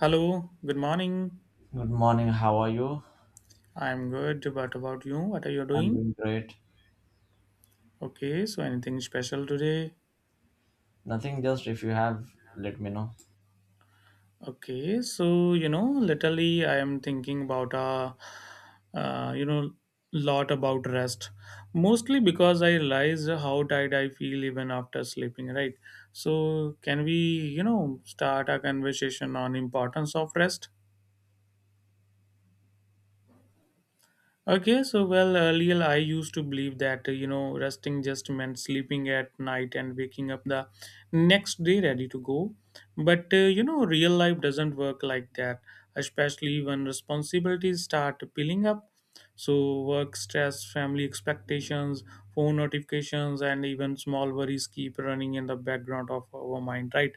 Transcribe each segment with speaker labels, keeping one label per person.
Speaker 1: Hello, good morning.
Speaker 2: Good morning, how are you?
Speaker 1: I'm good. What about you? What are you
Speaker 2: I'm
Speaker 1: doing?
Speaker 2: doing great.
Speaker 1: Okay, so anything special today?
Speaker 2: Nothing, just if you have, let me know.
Speaker 1: Okay, so literally, I am thinking about a lot about rest. Mostly because I realize how tired I feel even after sleeping. Right. So can we, start a conversation on importance of rest? Okay, so well, earlier I used to believe that resting just meant sleeping at night and waking up the next day ready to go. But real life doesn't work like that, especially when responsibilities start piling up. So work stress, family expectations, phone notifications, and even small worries keep running in the background of our mind, right?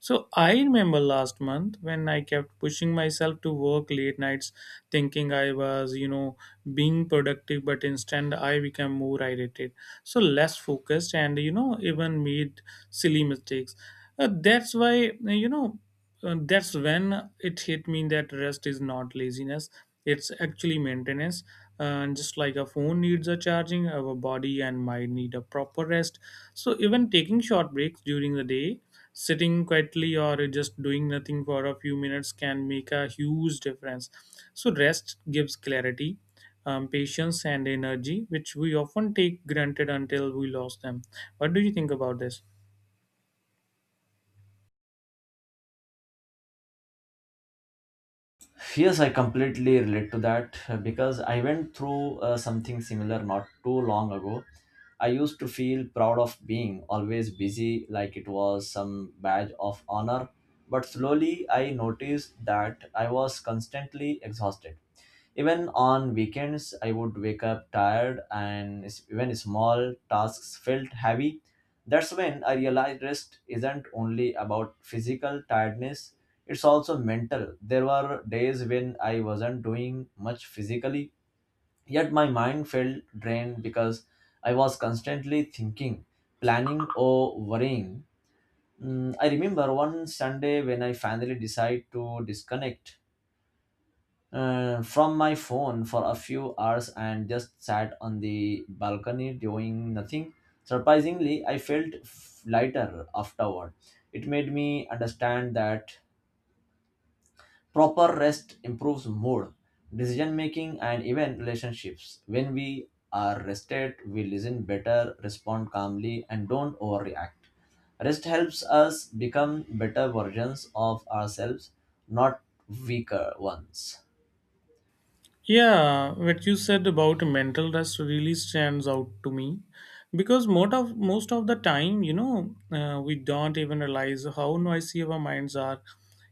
Speaker 1: So I remember last month when I kept pushing myself to work late nights, thinking I was, being productive, but instead I became more irritated, so less focused, and even made silly mistakes. That's why you know. That's when it hit me that rest is not laziness, it's actually maintenance. And just like a phone needs a charging, our body and mind need a proper rest. So even taking short breaks during the day, sitting quietly or just doing nothing for a few minutes can make a huge difference. So rest gives clarity, patience and energy, which we often take granted until we lose them. What do you think about this?
Speaker 2: Yes, I completely relate to that because I went through something similar not too long ago. I used to feel proud of being always busy, like it was some badge of honor. But slowly I noticed that I was constantly exhausted. Even on weekends, I would wake up tired, and even small tasks felt heavy. That's when I realized rest isn't only about physical tiredness, it's also mental. There were days when I wasn't doing much physically, yet my mind felt drained because I was constantly thinking, planning, or worrying. I remember one Sunday when I finally decided to disconnect from my phone for a few hours and just sat on the balcony doing nothing. Surprisingly, I felt lighter afterward. It made me understand that proper rest improves mood, decision making, and even relationships. When we are rested, we listen better, respond calmly, and don't overreact. Rest helps us become better versions of ourselves, not weaker ones.
Speaker 1: Yeah, what you said about mental rest really stands out to me because most of the time, we don't even realize how noisy our minds are.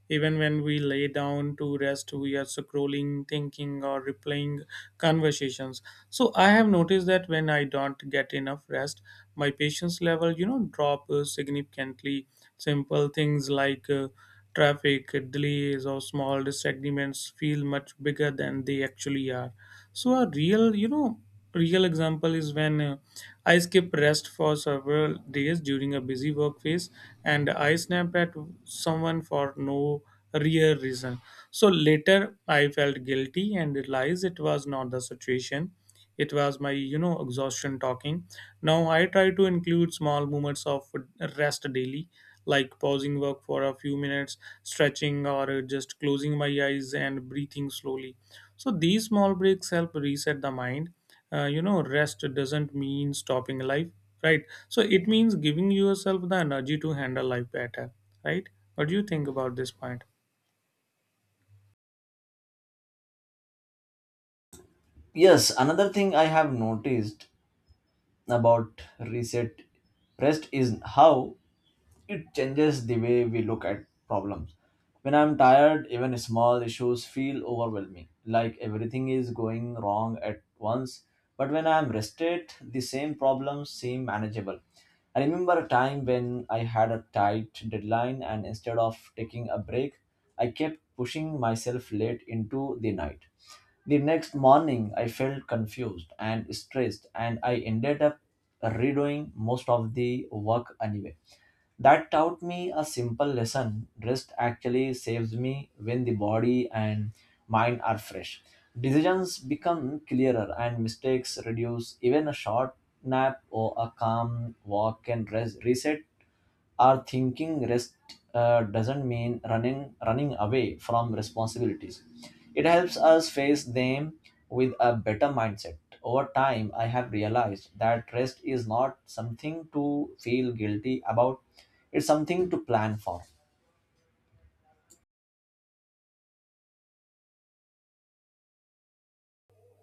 Speaker 1: Even when we lay down to rest, we are scrolling, thinking, or replaying conversations. So I have noticed that when I don't get enough rest, my patience level drop significantly. Simple things like traffic delays or small disagreements feel much bigger than they actually are. So a real example is when I skip rest for several days during a busy work phase, and I snapped at someone for no real reason. So later, I felt guilty and realized it was not the situation. It was my, exhaustion talking. Now I try to include small moments of rest daily, like pausing work for a few minutes, stretching, or just closing my eyes and breathing slowly, so these small breaks help reset the mind. Rest doesn't mean stopping life, right? So it means giving yourself the energy to handle life better, right? What do you think about this point?
Speaker 2: Yes, another thing I have noticed about reset rest is how it changes the way we look at problems. When I'm tired, even small issues feel overwhelming, like everything is going wrong at once. But when I'm rested, the same problems seem manageable. I remember a time when I had a tight deadline, and instead of taking a break, I kept pushing myself late into the night. The next morning, I felt confused and stressed, and I ended up redoing most of the work anyway. That taught me a simple lesson: rest actually saves me. When the body and mind are fresh, decisions become clearer, and mistakes reduce. Even a short nap or a calm walk can reset our thinking. Rest doesn't mean running away from responsibilities. It helps us face them with a better mindset. Over time, I have realized that rest is not something to feel guilty about. It's something to plan for.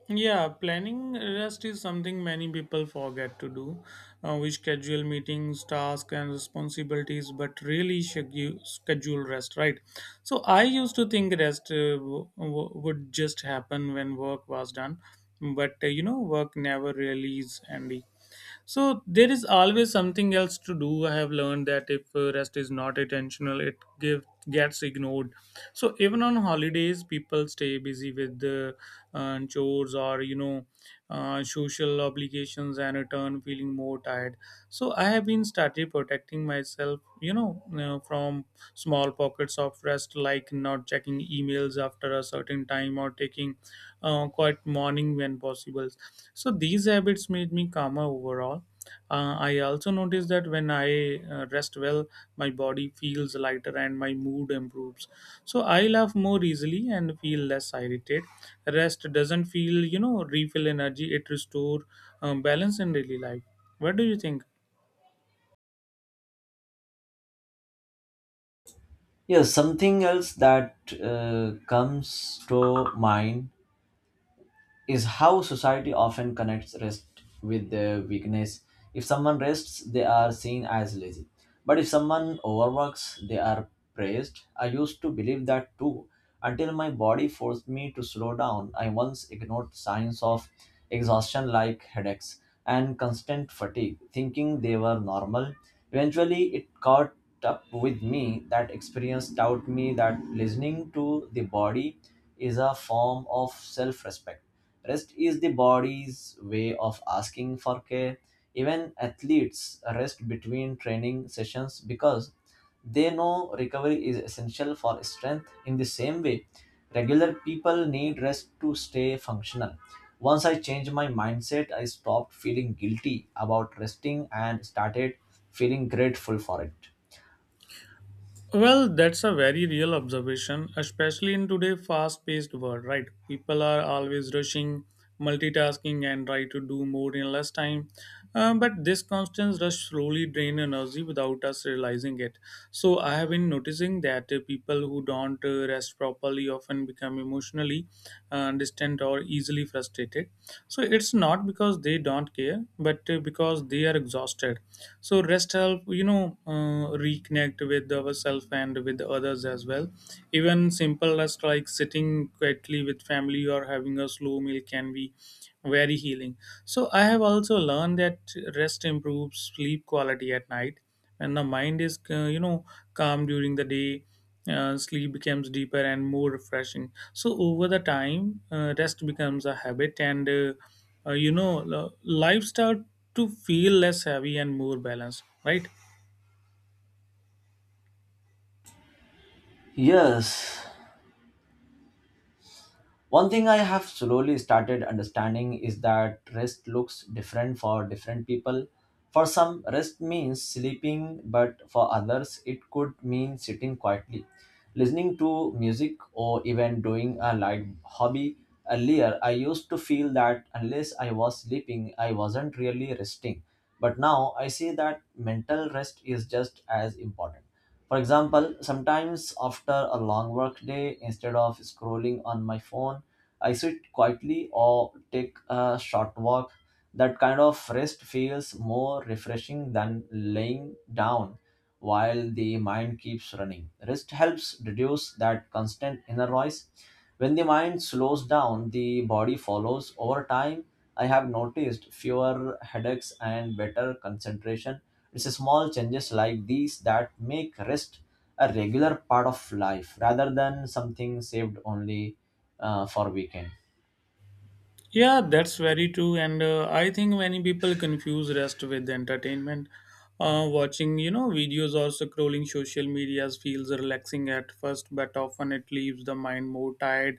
Speaker 1: Yeah, planning rest is something many people forget to do. We schedule meetings, tasks, and responsibilities, but really schedule rest, right? So I used to think rest would just happen when work was done, but work never really is, Andy. So there is always something else to do. I have learned that if rest is not intentional, it gets ignored. So even on holidays, people stay busy with the chores or social obligations and return feeling more tired. So I have been started protecting myself, from small pockets of rest, like not checking emails after a certain time or taking quiet morning when possible. So these habits made me calmer overall. I also noticed that when I rest well, my body feels lighter and my mood improves. So I laugh more easily and feel less irritated. Rest doesn't feel, refill energy. It restore balance in daily life. What do you think?
Speaker 2: Yes, something else that comes to mind is how society often connects rest with their weakness. If someone rests, they are seen as lazy. But if someone overworks, they are praised. I used to believe that too, until my body forced me to slow down. I once ignored signs of exhaustion like headaches and constant fatigue, thinking they were normal. Eventually, it caught up with me. That experience taught me that listening to the body is a form of self respect. Rest is the body's way of asking for care. Even athletes rest between training sessions because they know recovery is essential for strength. In the same way, regular people need rest to stay functional. Once I changed my mindset, I stopped feeling guilty about resting and started feeling grateful for it.
Speaker 1: Well, that's a very real observation, especially in today's fast paced world, right? People are always rushing, multitasking, and try to do more in less time. But this constant rush slowly drain energy without us realizing it. So, I have been noticing that people who don't rest properly often become emotionally distant or easily frustrated, so it's not because they don't care, but because they are exhausted. So rest help, reconnect with ourselves and with others as well. Even simple rest like sitting quietly with family or having a slow meal can be very healing. So I have also learned that rest improves sleep quality at night and the mind is calm during the day. Sleep becomes deeper and more refreshing. So over the time, rest becomes a habit, and life start to feel less heavy and more balanced, right?
Speaker 2: Yes, one thing I have slowly started understanding is that rest looks different for different people. For some, rest means sleeping, but for others, it could mean sitting quietly, listening to music, or even doing a light hobby. Earlier, I used to feel that unless I was sleeping, I wasn't really resting. But now I see that mental rest is just as important. For example, sometimes after a long work day, instead of scrolling on my phone, I sit quietly or take a short walk. That kind of rest feels more refreshing than laying down while the mind keeps running. Rest helps reduce that constant inner noise. When the mind slows down, the body follows. Over time, I have noticed fewer headaches and better concentration. It's a small changes like these that make rest a regular part of life rather than something saved only for weekend.
Speaker 1: Yeah, that's very true. And I think many people confuse rest with entertainment. Watching, videos or scrolling social medias feels relaxing at first, but often it leaves the mind more tired.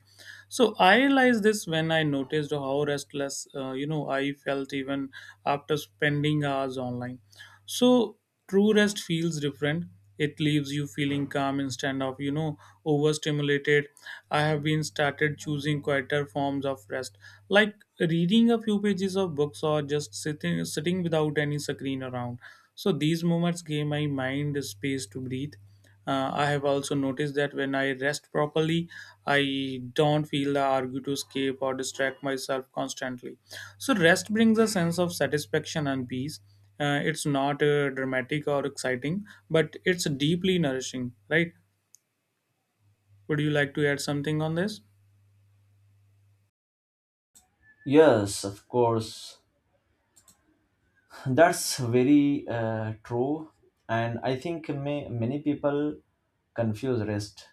Speaker 1: So I realized this when I noticed how restless, I felt even after spending hours online. So true rest feels different. It leaves you feeling calm instead of, overstimulated. I have been started choosing quieter forms of rest, like reading a few pages of books or just sitting without any screen around. So these moments gave my mind space to breathe. I have also noticed that when I rest properly, I don't feel the urge to escape or distract myself constantly. So, rest brings a sense of satisfaction and peace. It's not dramatic or exciting, but it's deeply nourishing, right? Would you like to add something on this?
Speaker 2: Yes, of course. That's very true, and I think many people confuse rest,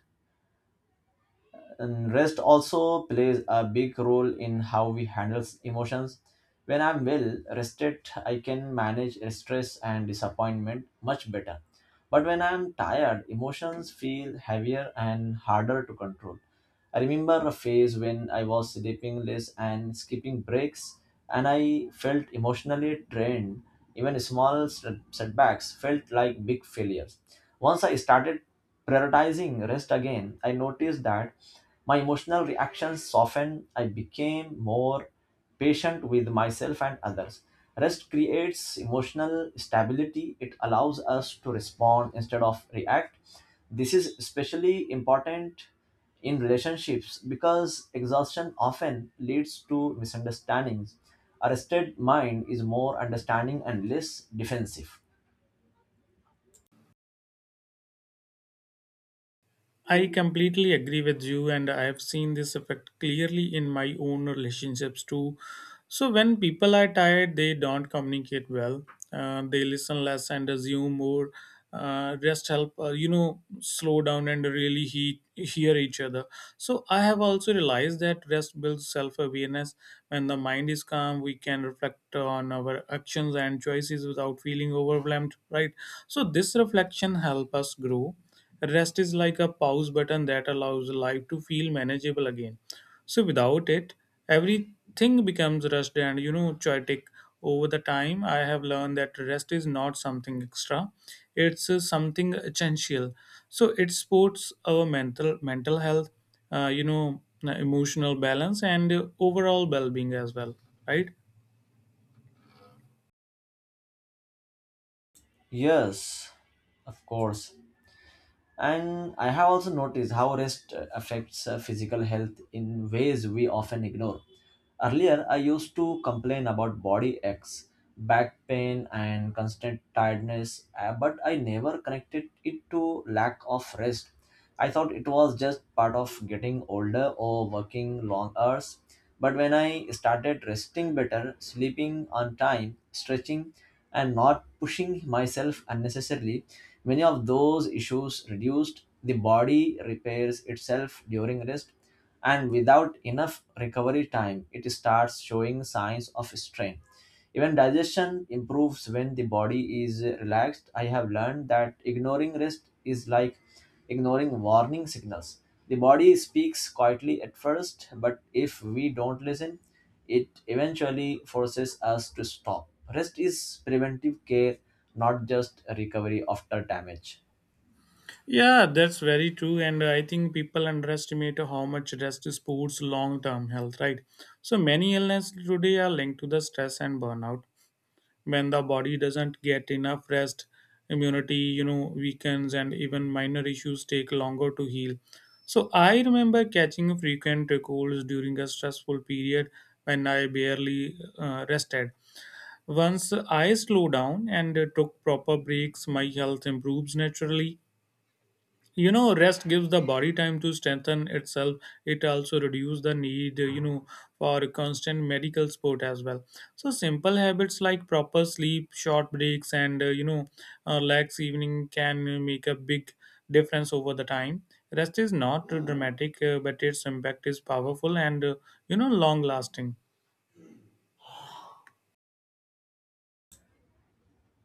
Speaker 2: and rest also plays a big role in how we handle emotions. When I'm well rested, I can manage stress and disappointment much better. But when I'm tired, emotions feel heavier and harder to control. I remember a phase when I was sleeping less and skipping breaks, and I felt emotionally drained. Even small setbacks felt like big failures. Once I started prioritizing rest again, I noticed that my emotional reactions softened. I became more patient with myself and others. Rest creates emotional stability. It allows us to respond instead of react. This is especially important in relationships because exhaustion often leads to misunderstandings. A rested mind is more understanding and less defensive.
Speaker 1: I completely agree with you, and I have seen this effect clearly in my own relationships too. So, when people are tired, they don't communicate well, they listen less and assume more. Rest help, slow down and really hear each other. So, I have also realized that rest builds self awareness. When the mind is calm, we can reflect on our actions and choices without feeling overwhelmed, right? So, this reflection helps us grow. Rest is like a pause button that allows life to feel manageable again. So without it, everything becomes rushed and, chaotic. Over the time, I have learned that rest is not something extra; it's something essential. So it supports our mental health, emotional balance, and overall well-being as well, right?
Speaker 2: Yes, of course. And I have also noticed how rest affects physical health in ways we often ignore. Earlier, I used to complain about body aches, back pain, and constant tiredness, but I never connected it to lack of rest. I thought it was just part of getting older or working long hours. But when I started resting better, sleeping on time, stretching, and not pushing myself unnecessarily, many of those issues reduced. The body repairs itself during rest, and without enough recovery time, it starts showing signs of strain. Even digestion improves when the body is relaxed. I have learned that ignoring rest is like ignoring warning signals. The body speaks quietly at first, but if we don't listen, it eventually forces us to stop. Rest is preventive care, not just recovery after damage.
Speaker 1: Yeah, that's very true. And I think people underestimate how much rest supports long term health, right? So many illnesses today are linked to the stress and burnout. When the body doesn't get enough rest, immunity, weakens and even minor issues take longer to heal. So I remember catching frequent colds during a stressful period when I barely rested. Once I slow down and took proper breaks, my health improves naturally. You know, rest gives the body time to strengthen itself. It also reduces the need, for constant medical support as well. So simple habits like proper sleep, short breaks, and lax evening can make a big difference over the time. Rest is not dramatic, but its impact is powerful and, long lasting.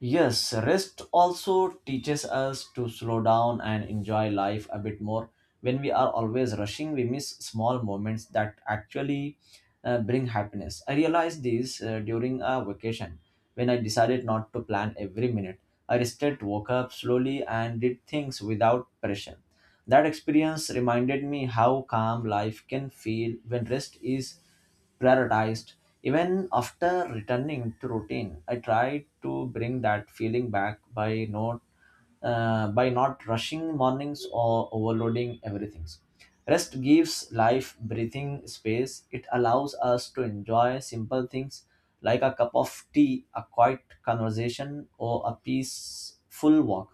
Speaker 2: Yes, rest also teaches us to slow down and enjoy life a bit more. When we are always rushing, we miss small moments that actually bring happiness. I realized this during a vacation when I decided not to plan every minute. I rested, woke up slowly, and did things without pressure. That experience reminded me how calm life can feel when rest is prioritized. Even after returning to routine, I tried to bring that feeling back by not rushing mornings or overloading everything. Rest gives life breathing space. It allows us to enjoy simple things like a cup of tea, a quiet conversation, or a peaceful walk.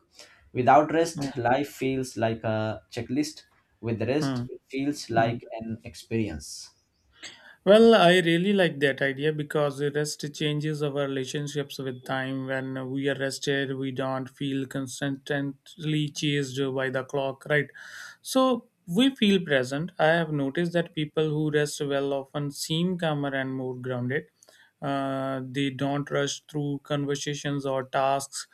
Speaker 2: Without rest, life feels like a checklist. With rest,
Speaker 1: Hmm.
Speaker 2: it feels
Speaker 1: Hmm.
Speaker 2: like an experience.
Speaker 1: Well, I really like that idea because rest changes our relationships with time. When we are rested, we don't feel constantly chased by the clock, right? So we feel present. I have noticed that people who rest well often seem calmer and more grounded. They don't rush through conversations or tasks.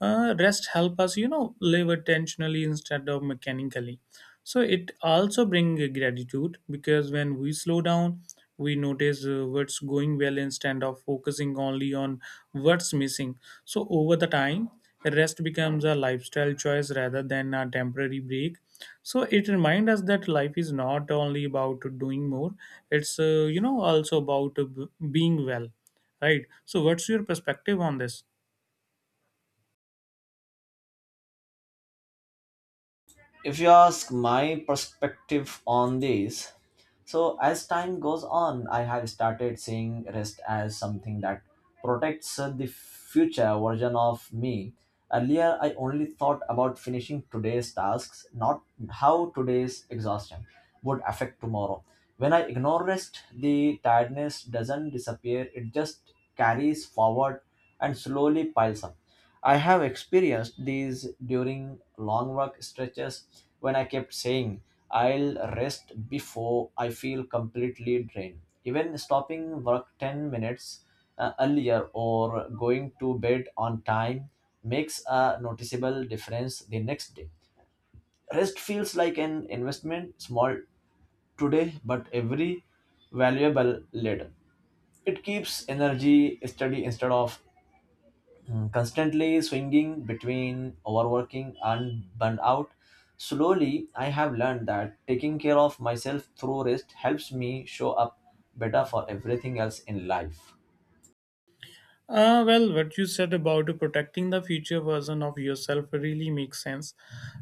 Speaker 1: Rest help us, live attentionally instead of mechanically. So it also brings gratitude because when we slow down, we notice what's going well instead of focusing only on what's missing. So over the time, rest becomes a lifestyle choice rather than a temporary break. So it reminds us that life is not only about doing more, it's also about being well, right? So what's your perspective on this?
Speaker 2: If you ask my perspective on this, so as time goes on, I have started seeing rest as something that protects the future version of me. Earlier I only thought about finishing today's tasks, not how today's exhaustion would affect tomorrow. When I ignore rest, the tiredness doesn't disappear, it just carries forward and slowly piles up. I have experienced these during long work stretches, when I kept saying, I'll rest before I feel completely drained. Even stopping work 10 minutes earlier or going to bed on time makes a noticeable difference the next day. Rest feels like an investment, small today, but every valuable later. It keeps energy steady instead of constantly swinging between overworking and burnout. Slowly, I have learned that taking care of myself through rest helps me show up better for everything else in life.
Speaker 1: Well, what you said about protecting the future version of yourself really makes sense,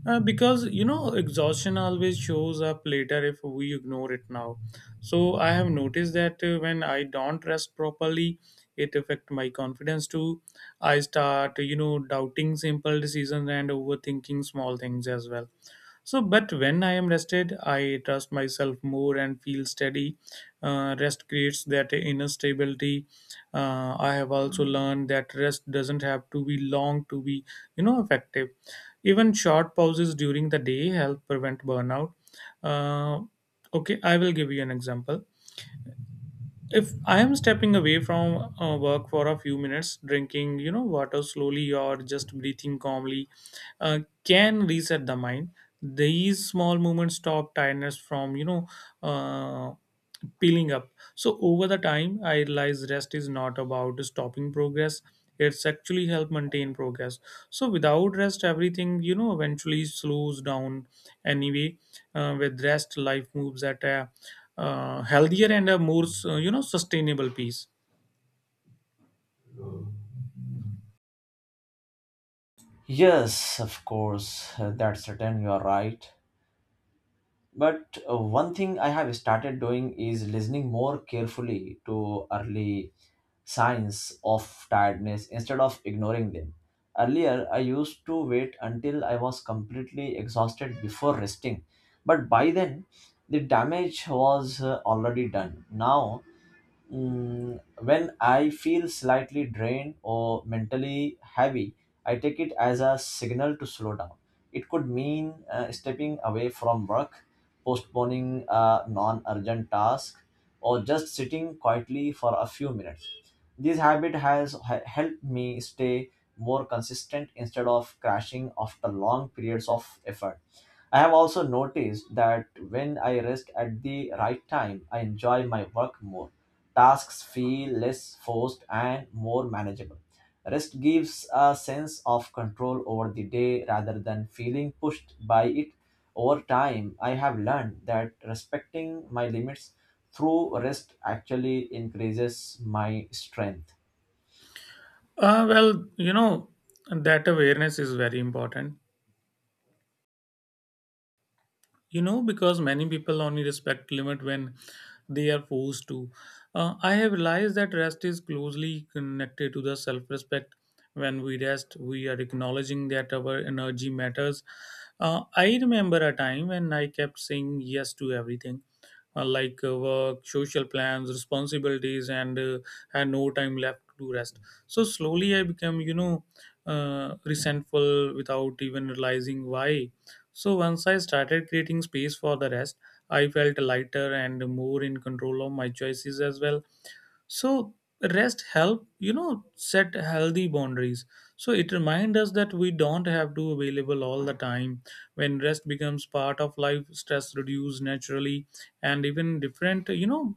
Speaker 1: because, exhaustion always shows up later if we ignore it now. So I have noticed that when I don't rest properly, it affects my confidence too. I start, doubting simple decisions and overthinking small things as well. So, but when I am rested, I trust myself more and feel steady. Rest creates that inner stability. I have also learned that rest doesn't have to be long to be, effective. Even short pauses during the day help prevent burnout. Uh, okay, I will give you an example. If I am stepping away from work for a few minutes, drinking water slowly or just breathing calmly uh, can reset the mind. These small movements stop tiredness from uh, peeling up. So over the time, I realized rest is not about stopping progress. It's actually help maintain progress. So without rest, everything eventually slows down anyway. With rest, life moves at a healthier and a more sustainable pace.
Speaker 2: Yes, of course, that's certain, you are right. But one thing I have started doing is listening more carefully to early signs of tiredness instead of ignoring them. Earlier, I used to wait until I was completely exhausted before resting, but by then, the damage was already done. Now, when I feel slightly drained or mentally heavy, I take it as a signal to slow down. It could mean stepping away from work, postponing a non urgent task, or just sitting quietly for a few minutes. This habit has helped me stay more consistent instead of crashing after long periods of effort. I have also noticed that when I rest at the right time, I enjoy my work more. Tasks feel less forced and more manageable. Rest gives a sense of control over the day rather than feeling pushed by it. Over time, I have learned that respecting my limits through rest actually increases my strength.
Speaker 1: Well, that awareness is very important. Because many people only respect limit when they are forced to. I have realized that rest is closely connected to the self-respect. When we rest, we are acknowledging that our energy matters. Uh, I remember a time when I kept saying yes to everything, like work, social plans, responsibilities, and had no time left to rest. So slowly I became uh, resentful without even realizing why. So once I started creating space for the rest, I felt lighter and more in control of my choices as well. So rest help, set healthy boundaries. So it reminds us that we don't have to available all the time. When rest becomes part of life, stress reduces naturally and even different,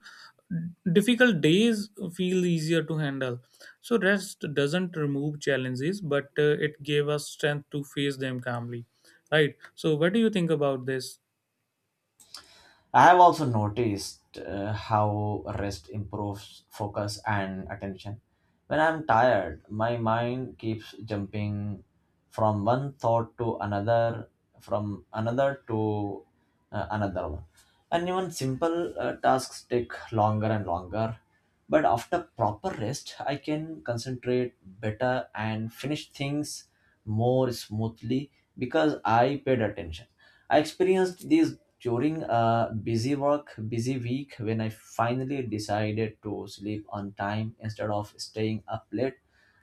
Speaker 1: difficult days feel easier to handle. So, rest doesn't remove challenges, but it gave us strength to face them calmly. Right. So, what do you think about this?
Speaker 2: I have also noticed how rest improves focus and attention. When I'm tired, my mind keeps jumping from one thought to another, from another to another one. And even simple tasks take longer and longer. But after proper rest, I can concentrate better and finish things more smoothly because I paid attention. I experienced these during a busy week, when I finally decided to sleep on time instead of staying up late.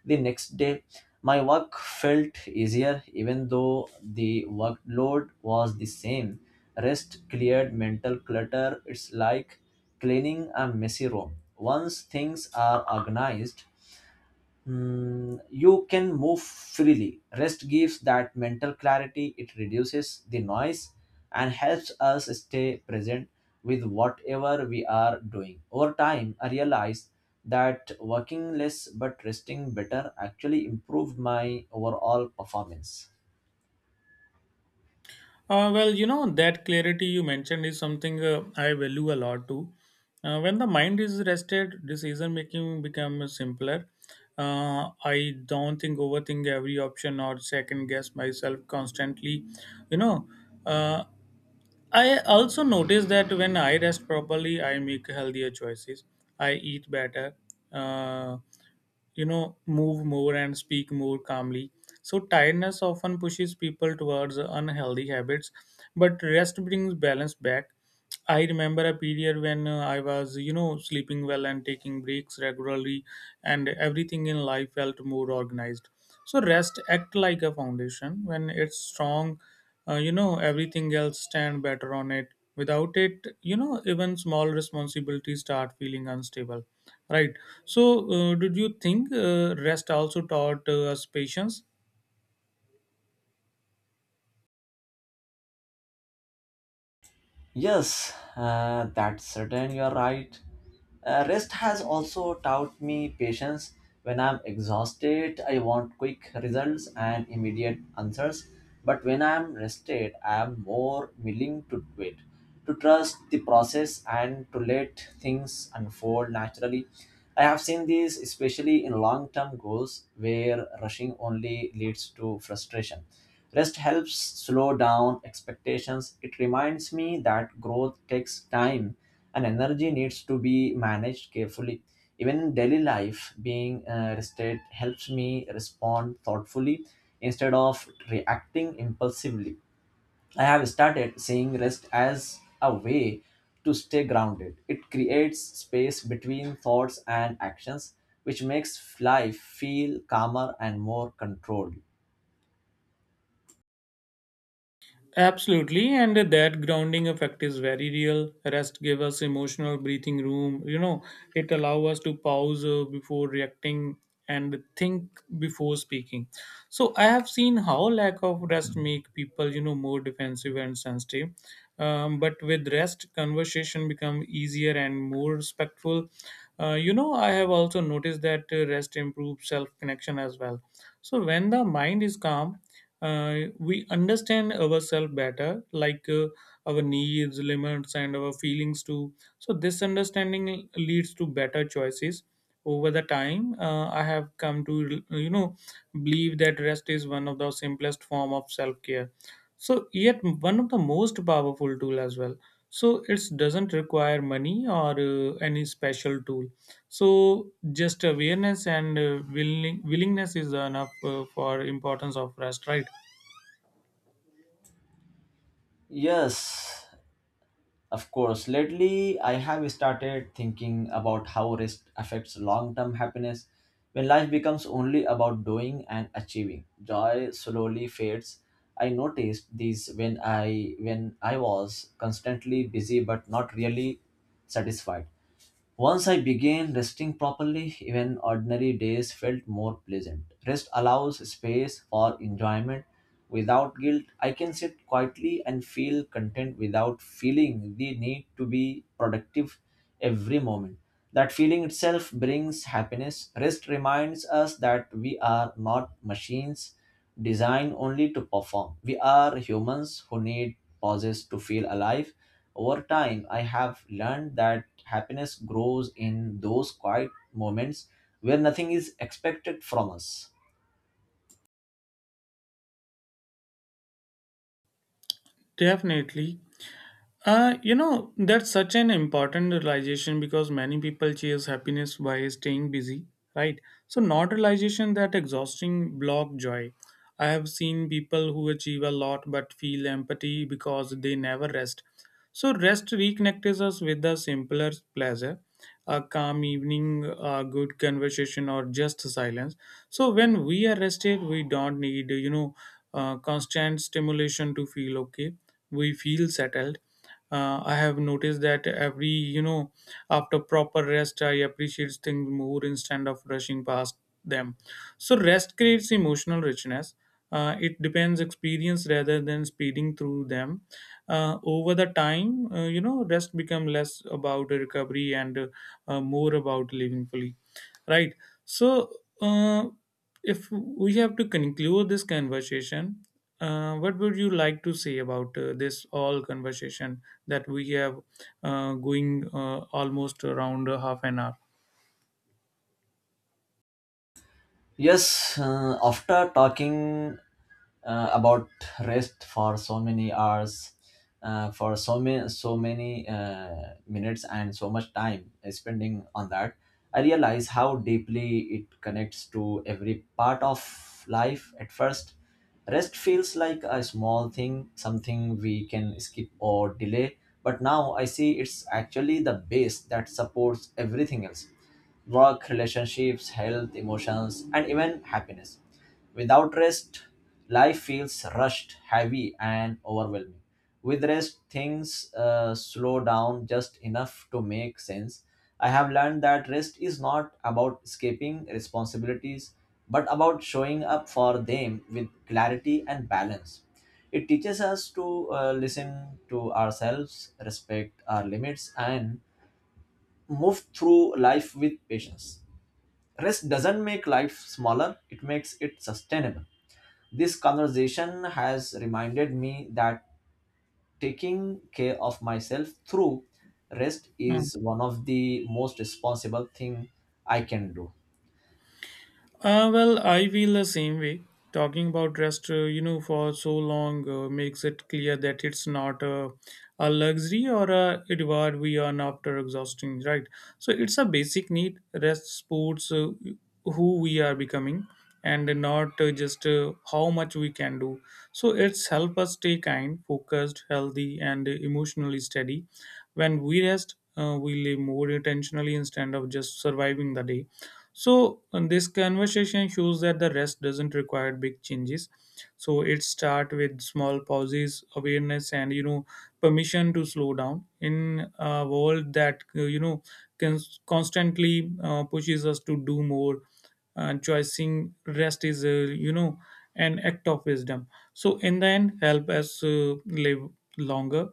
Speaker 2: The next day, my work felt easier even though the workload was the same. Rest cleared mental clutter. It's like cleaning a messy room. Once things are organized, you can move freely. Rest gives that mental clarity, it reduces the noise and helps us stay present with whatever we are doing. Over time, I realized that working less but resting better actually improved my overall performance.
Speaker 1: Well, that clarity you mentioned is something I value a lot too. When the mind is rested, decision making becomes simpler. I don't think overthink every option or second guess myself constantly. You know, uh, I also notice that when I rest properly, I make healthier choices. I eat better, uh, move more and speak more calmly. So, tiredness often pushes people towards unhealthy habits, but rest brings balance back. I remember a period when I was, sleeping well and taking breaks regularly, and everything in life felt more organized. So, rest act like a foundation. When it's strong, everything else stand better on it. Without it, even small responsibilities start feeling unstable, right? So, did you think rest also taught us patience?
Speaker 2: Yes, that's certain, you're right. Rest has also taught me patience. When I'm exhausted, I want quick results and immediate answers. But when I'm rested, I'm more willing to wait, to trust the process, and to let things unfold naturally. I have seen this especially in long term goals where rushing only leads to frustration. Rest helps slow down expectations. It reminds me that growth takes time and energy needs to be managed carefully. Even in daily life, being rested helps me respond thoughtfully instead of reacting impulsively. I have started seeing rest as a way to stay grounded. It creates space between thoughts and actions, which makes life feel calmer and more controlled.
Speaker 1: Absolutely, and that grounding effect is very real. Rest give us emotional breathing room. It allow us to pause before reacting and think before speaking. So I have seen how lack of rest make people, more defensive and sensitive. But with rest, conversation become easier and more respectful. I have also noticed that rest improves self connection as well. So when the mind is calm, we understand ourselves better, like our needs, limits, and our feelings too. So, this understanding leads to better choices. Over the time, I have come to believe that rest is one of the simplest form of self care. So, yet one of the most powerful tool as well. So, it doesn't require money or any special tool. So, just awareness and willingness is enough for importance of rest, right?
Speaker 2: Yes, of course, lately I have started thinking about how rest affects long term happiness. When life becomes only about doing and achieving, joy slowly fades. I noticed this when I was constantly busy but not really satisfied. Once I began resting properly, even ordinary days felt more pleasant. Rest allows space for enjoyment without guilt. I can sit quietly and feel content without feeling the need to be productive every moment. That feeling itself brings happiness. Rest reminds us that we are not machines designed only to perform. We are humans who need pauses to feel alive. Over time, I have learned that happiness grows in those quiet moments where nothing is expected from us.
Speaker 1: Definitely. That's such an important realization because many people chase happiness by staying busy, right? So, not realization that exhausting block joy. I have seen people who achieve a lot but feel empty because they never rest. So, rest reconnects us with the simpler pleasure a calm evening, a good conversation, or just silence. So when we are rested, we don't need constant stimulation to feel okay. We feel settled. I have noticed that every after proper rest, I appreciate things more instead of rushing past them. So rest creates emotional richness. It depends experience rather than speeding through them. Over the time, rest become less about recovery and more about living fully. Right. So, uh, if we have to conclude this conversation, what would you like to say about this all conversation that we have going almost around half an hour?
Speaker 2: Yes, after talking about rest for so many hours, for so many minutes and so much time spending on that, I realize how deeply it connects to every part of life. At first, rest feels like a small thing, something we can skip or delay. But now I see it's actually the base that supports everything else: work, relationships, health, emotions, and even happiness. Without rest, life feels rushed, heavy, and overwhelming. With rest, things slow down just enough to make sense. I have learned that rest is not about escaping responsibilities, but about showing up for them with clarity and balance. It teaches us to listen to ourselves, respect our limits, and move through life with patience. Rest doesn't make life smaller, it makes it sustainable. This conversation has reminded me that taking care of myself through rest
Speaker 1: Hmm.
Speaker 2: is one of the most responsible thing I can do.
Speaker 1: Well, I feel the same way. Talking about rest, for so long makes it clear that it's not a luxury or a reward we earn after exhausting, right? So it's a basic need. Rest supports who we are becoming and not just how much we can do. So it's help us stay kind, focused, healthy, and emotionally steady. When we rest, we live more intentionally instead of just surviving the day. So and this conversation shows that the rest doesn't require big changes. So it start with small pauses, awareness, and permission to slow down in a world that can constantly pushes us to do more. And choosing rest is an act of wisdom. So in the end, help us live longer,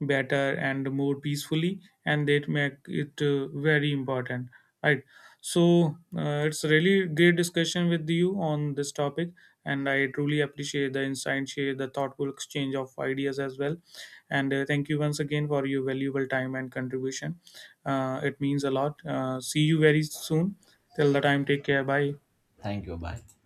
Speaker 1: better, and more peacefully, and that make it very important, right? So it's really great discussion with you on this topic, and I truly appreciate the insight, share the thoughtful exchange of ideas as well. And thank you once again for your valuable time and contribution. It means a lot. See you very soon. Till the time, take care. Bye.
Speaker 2: Thank you. Bye.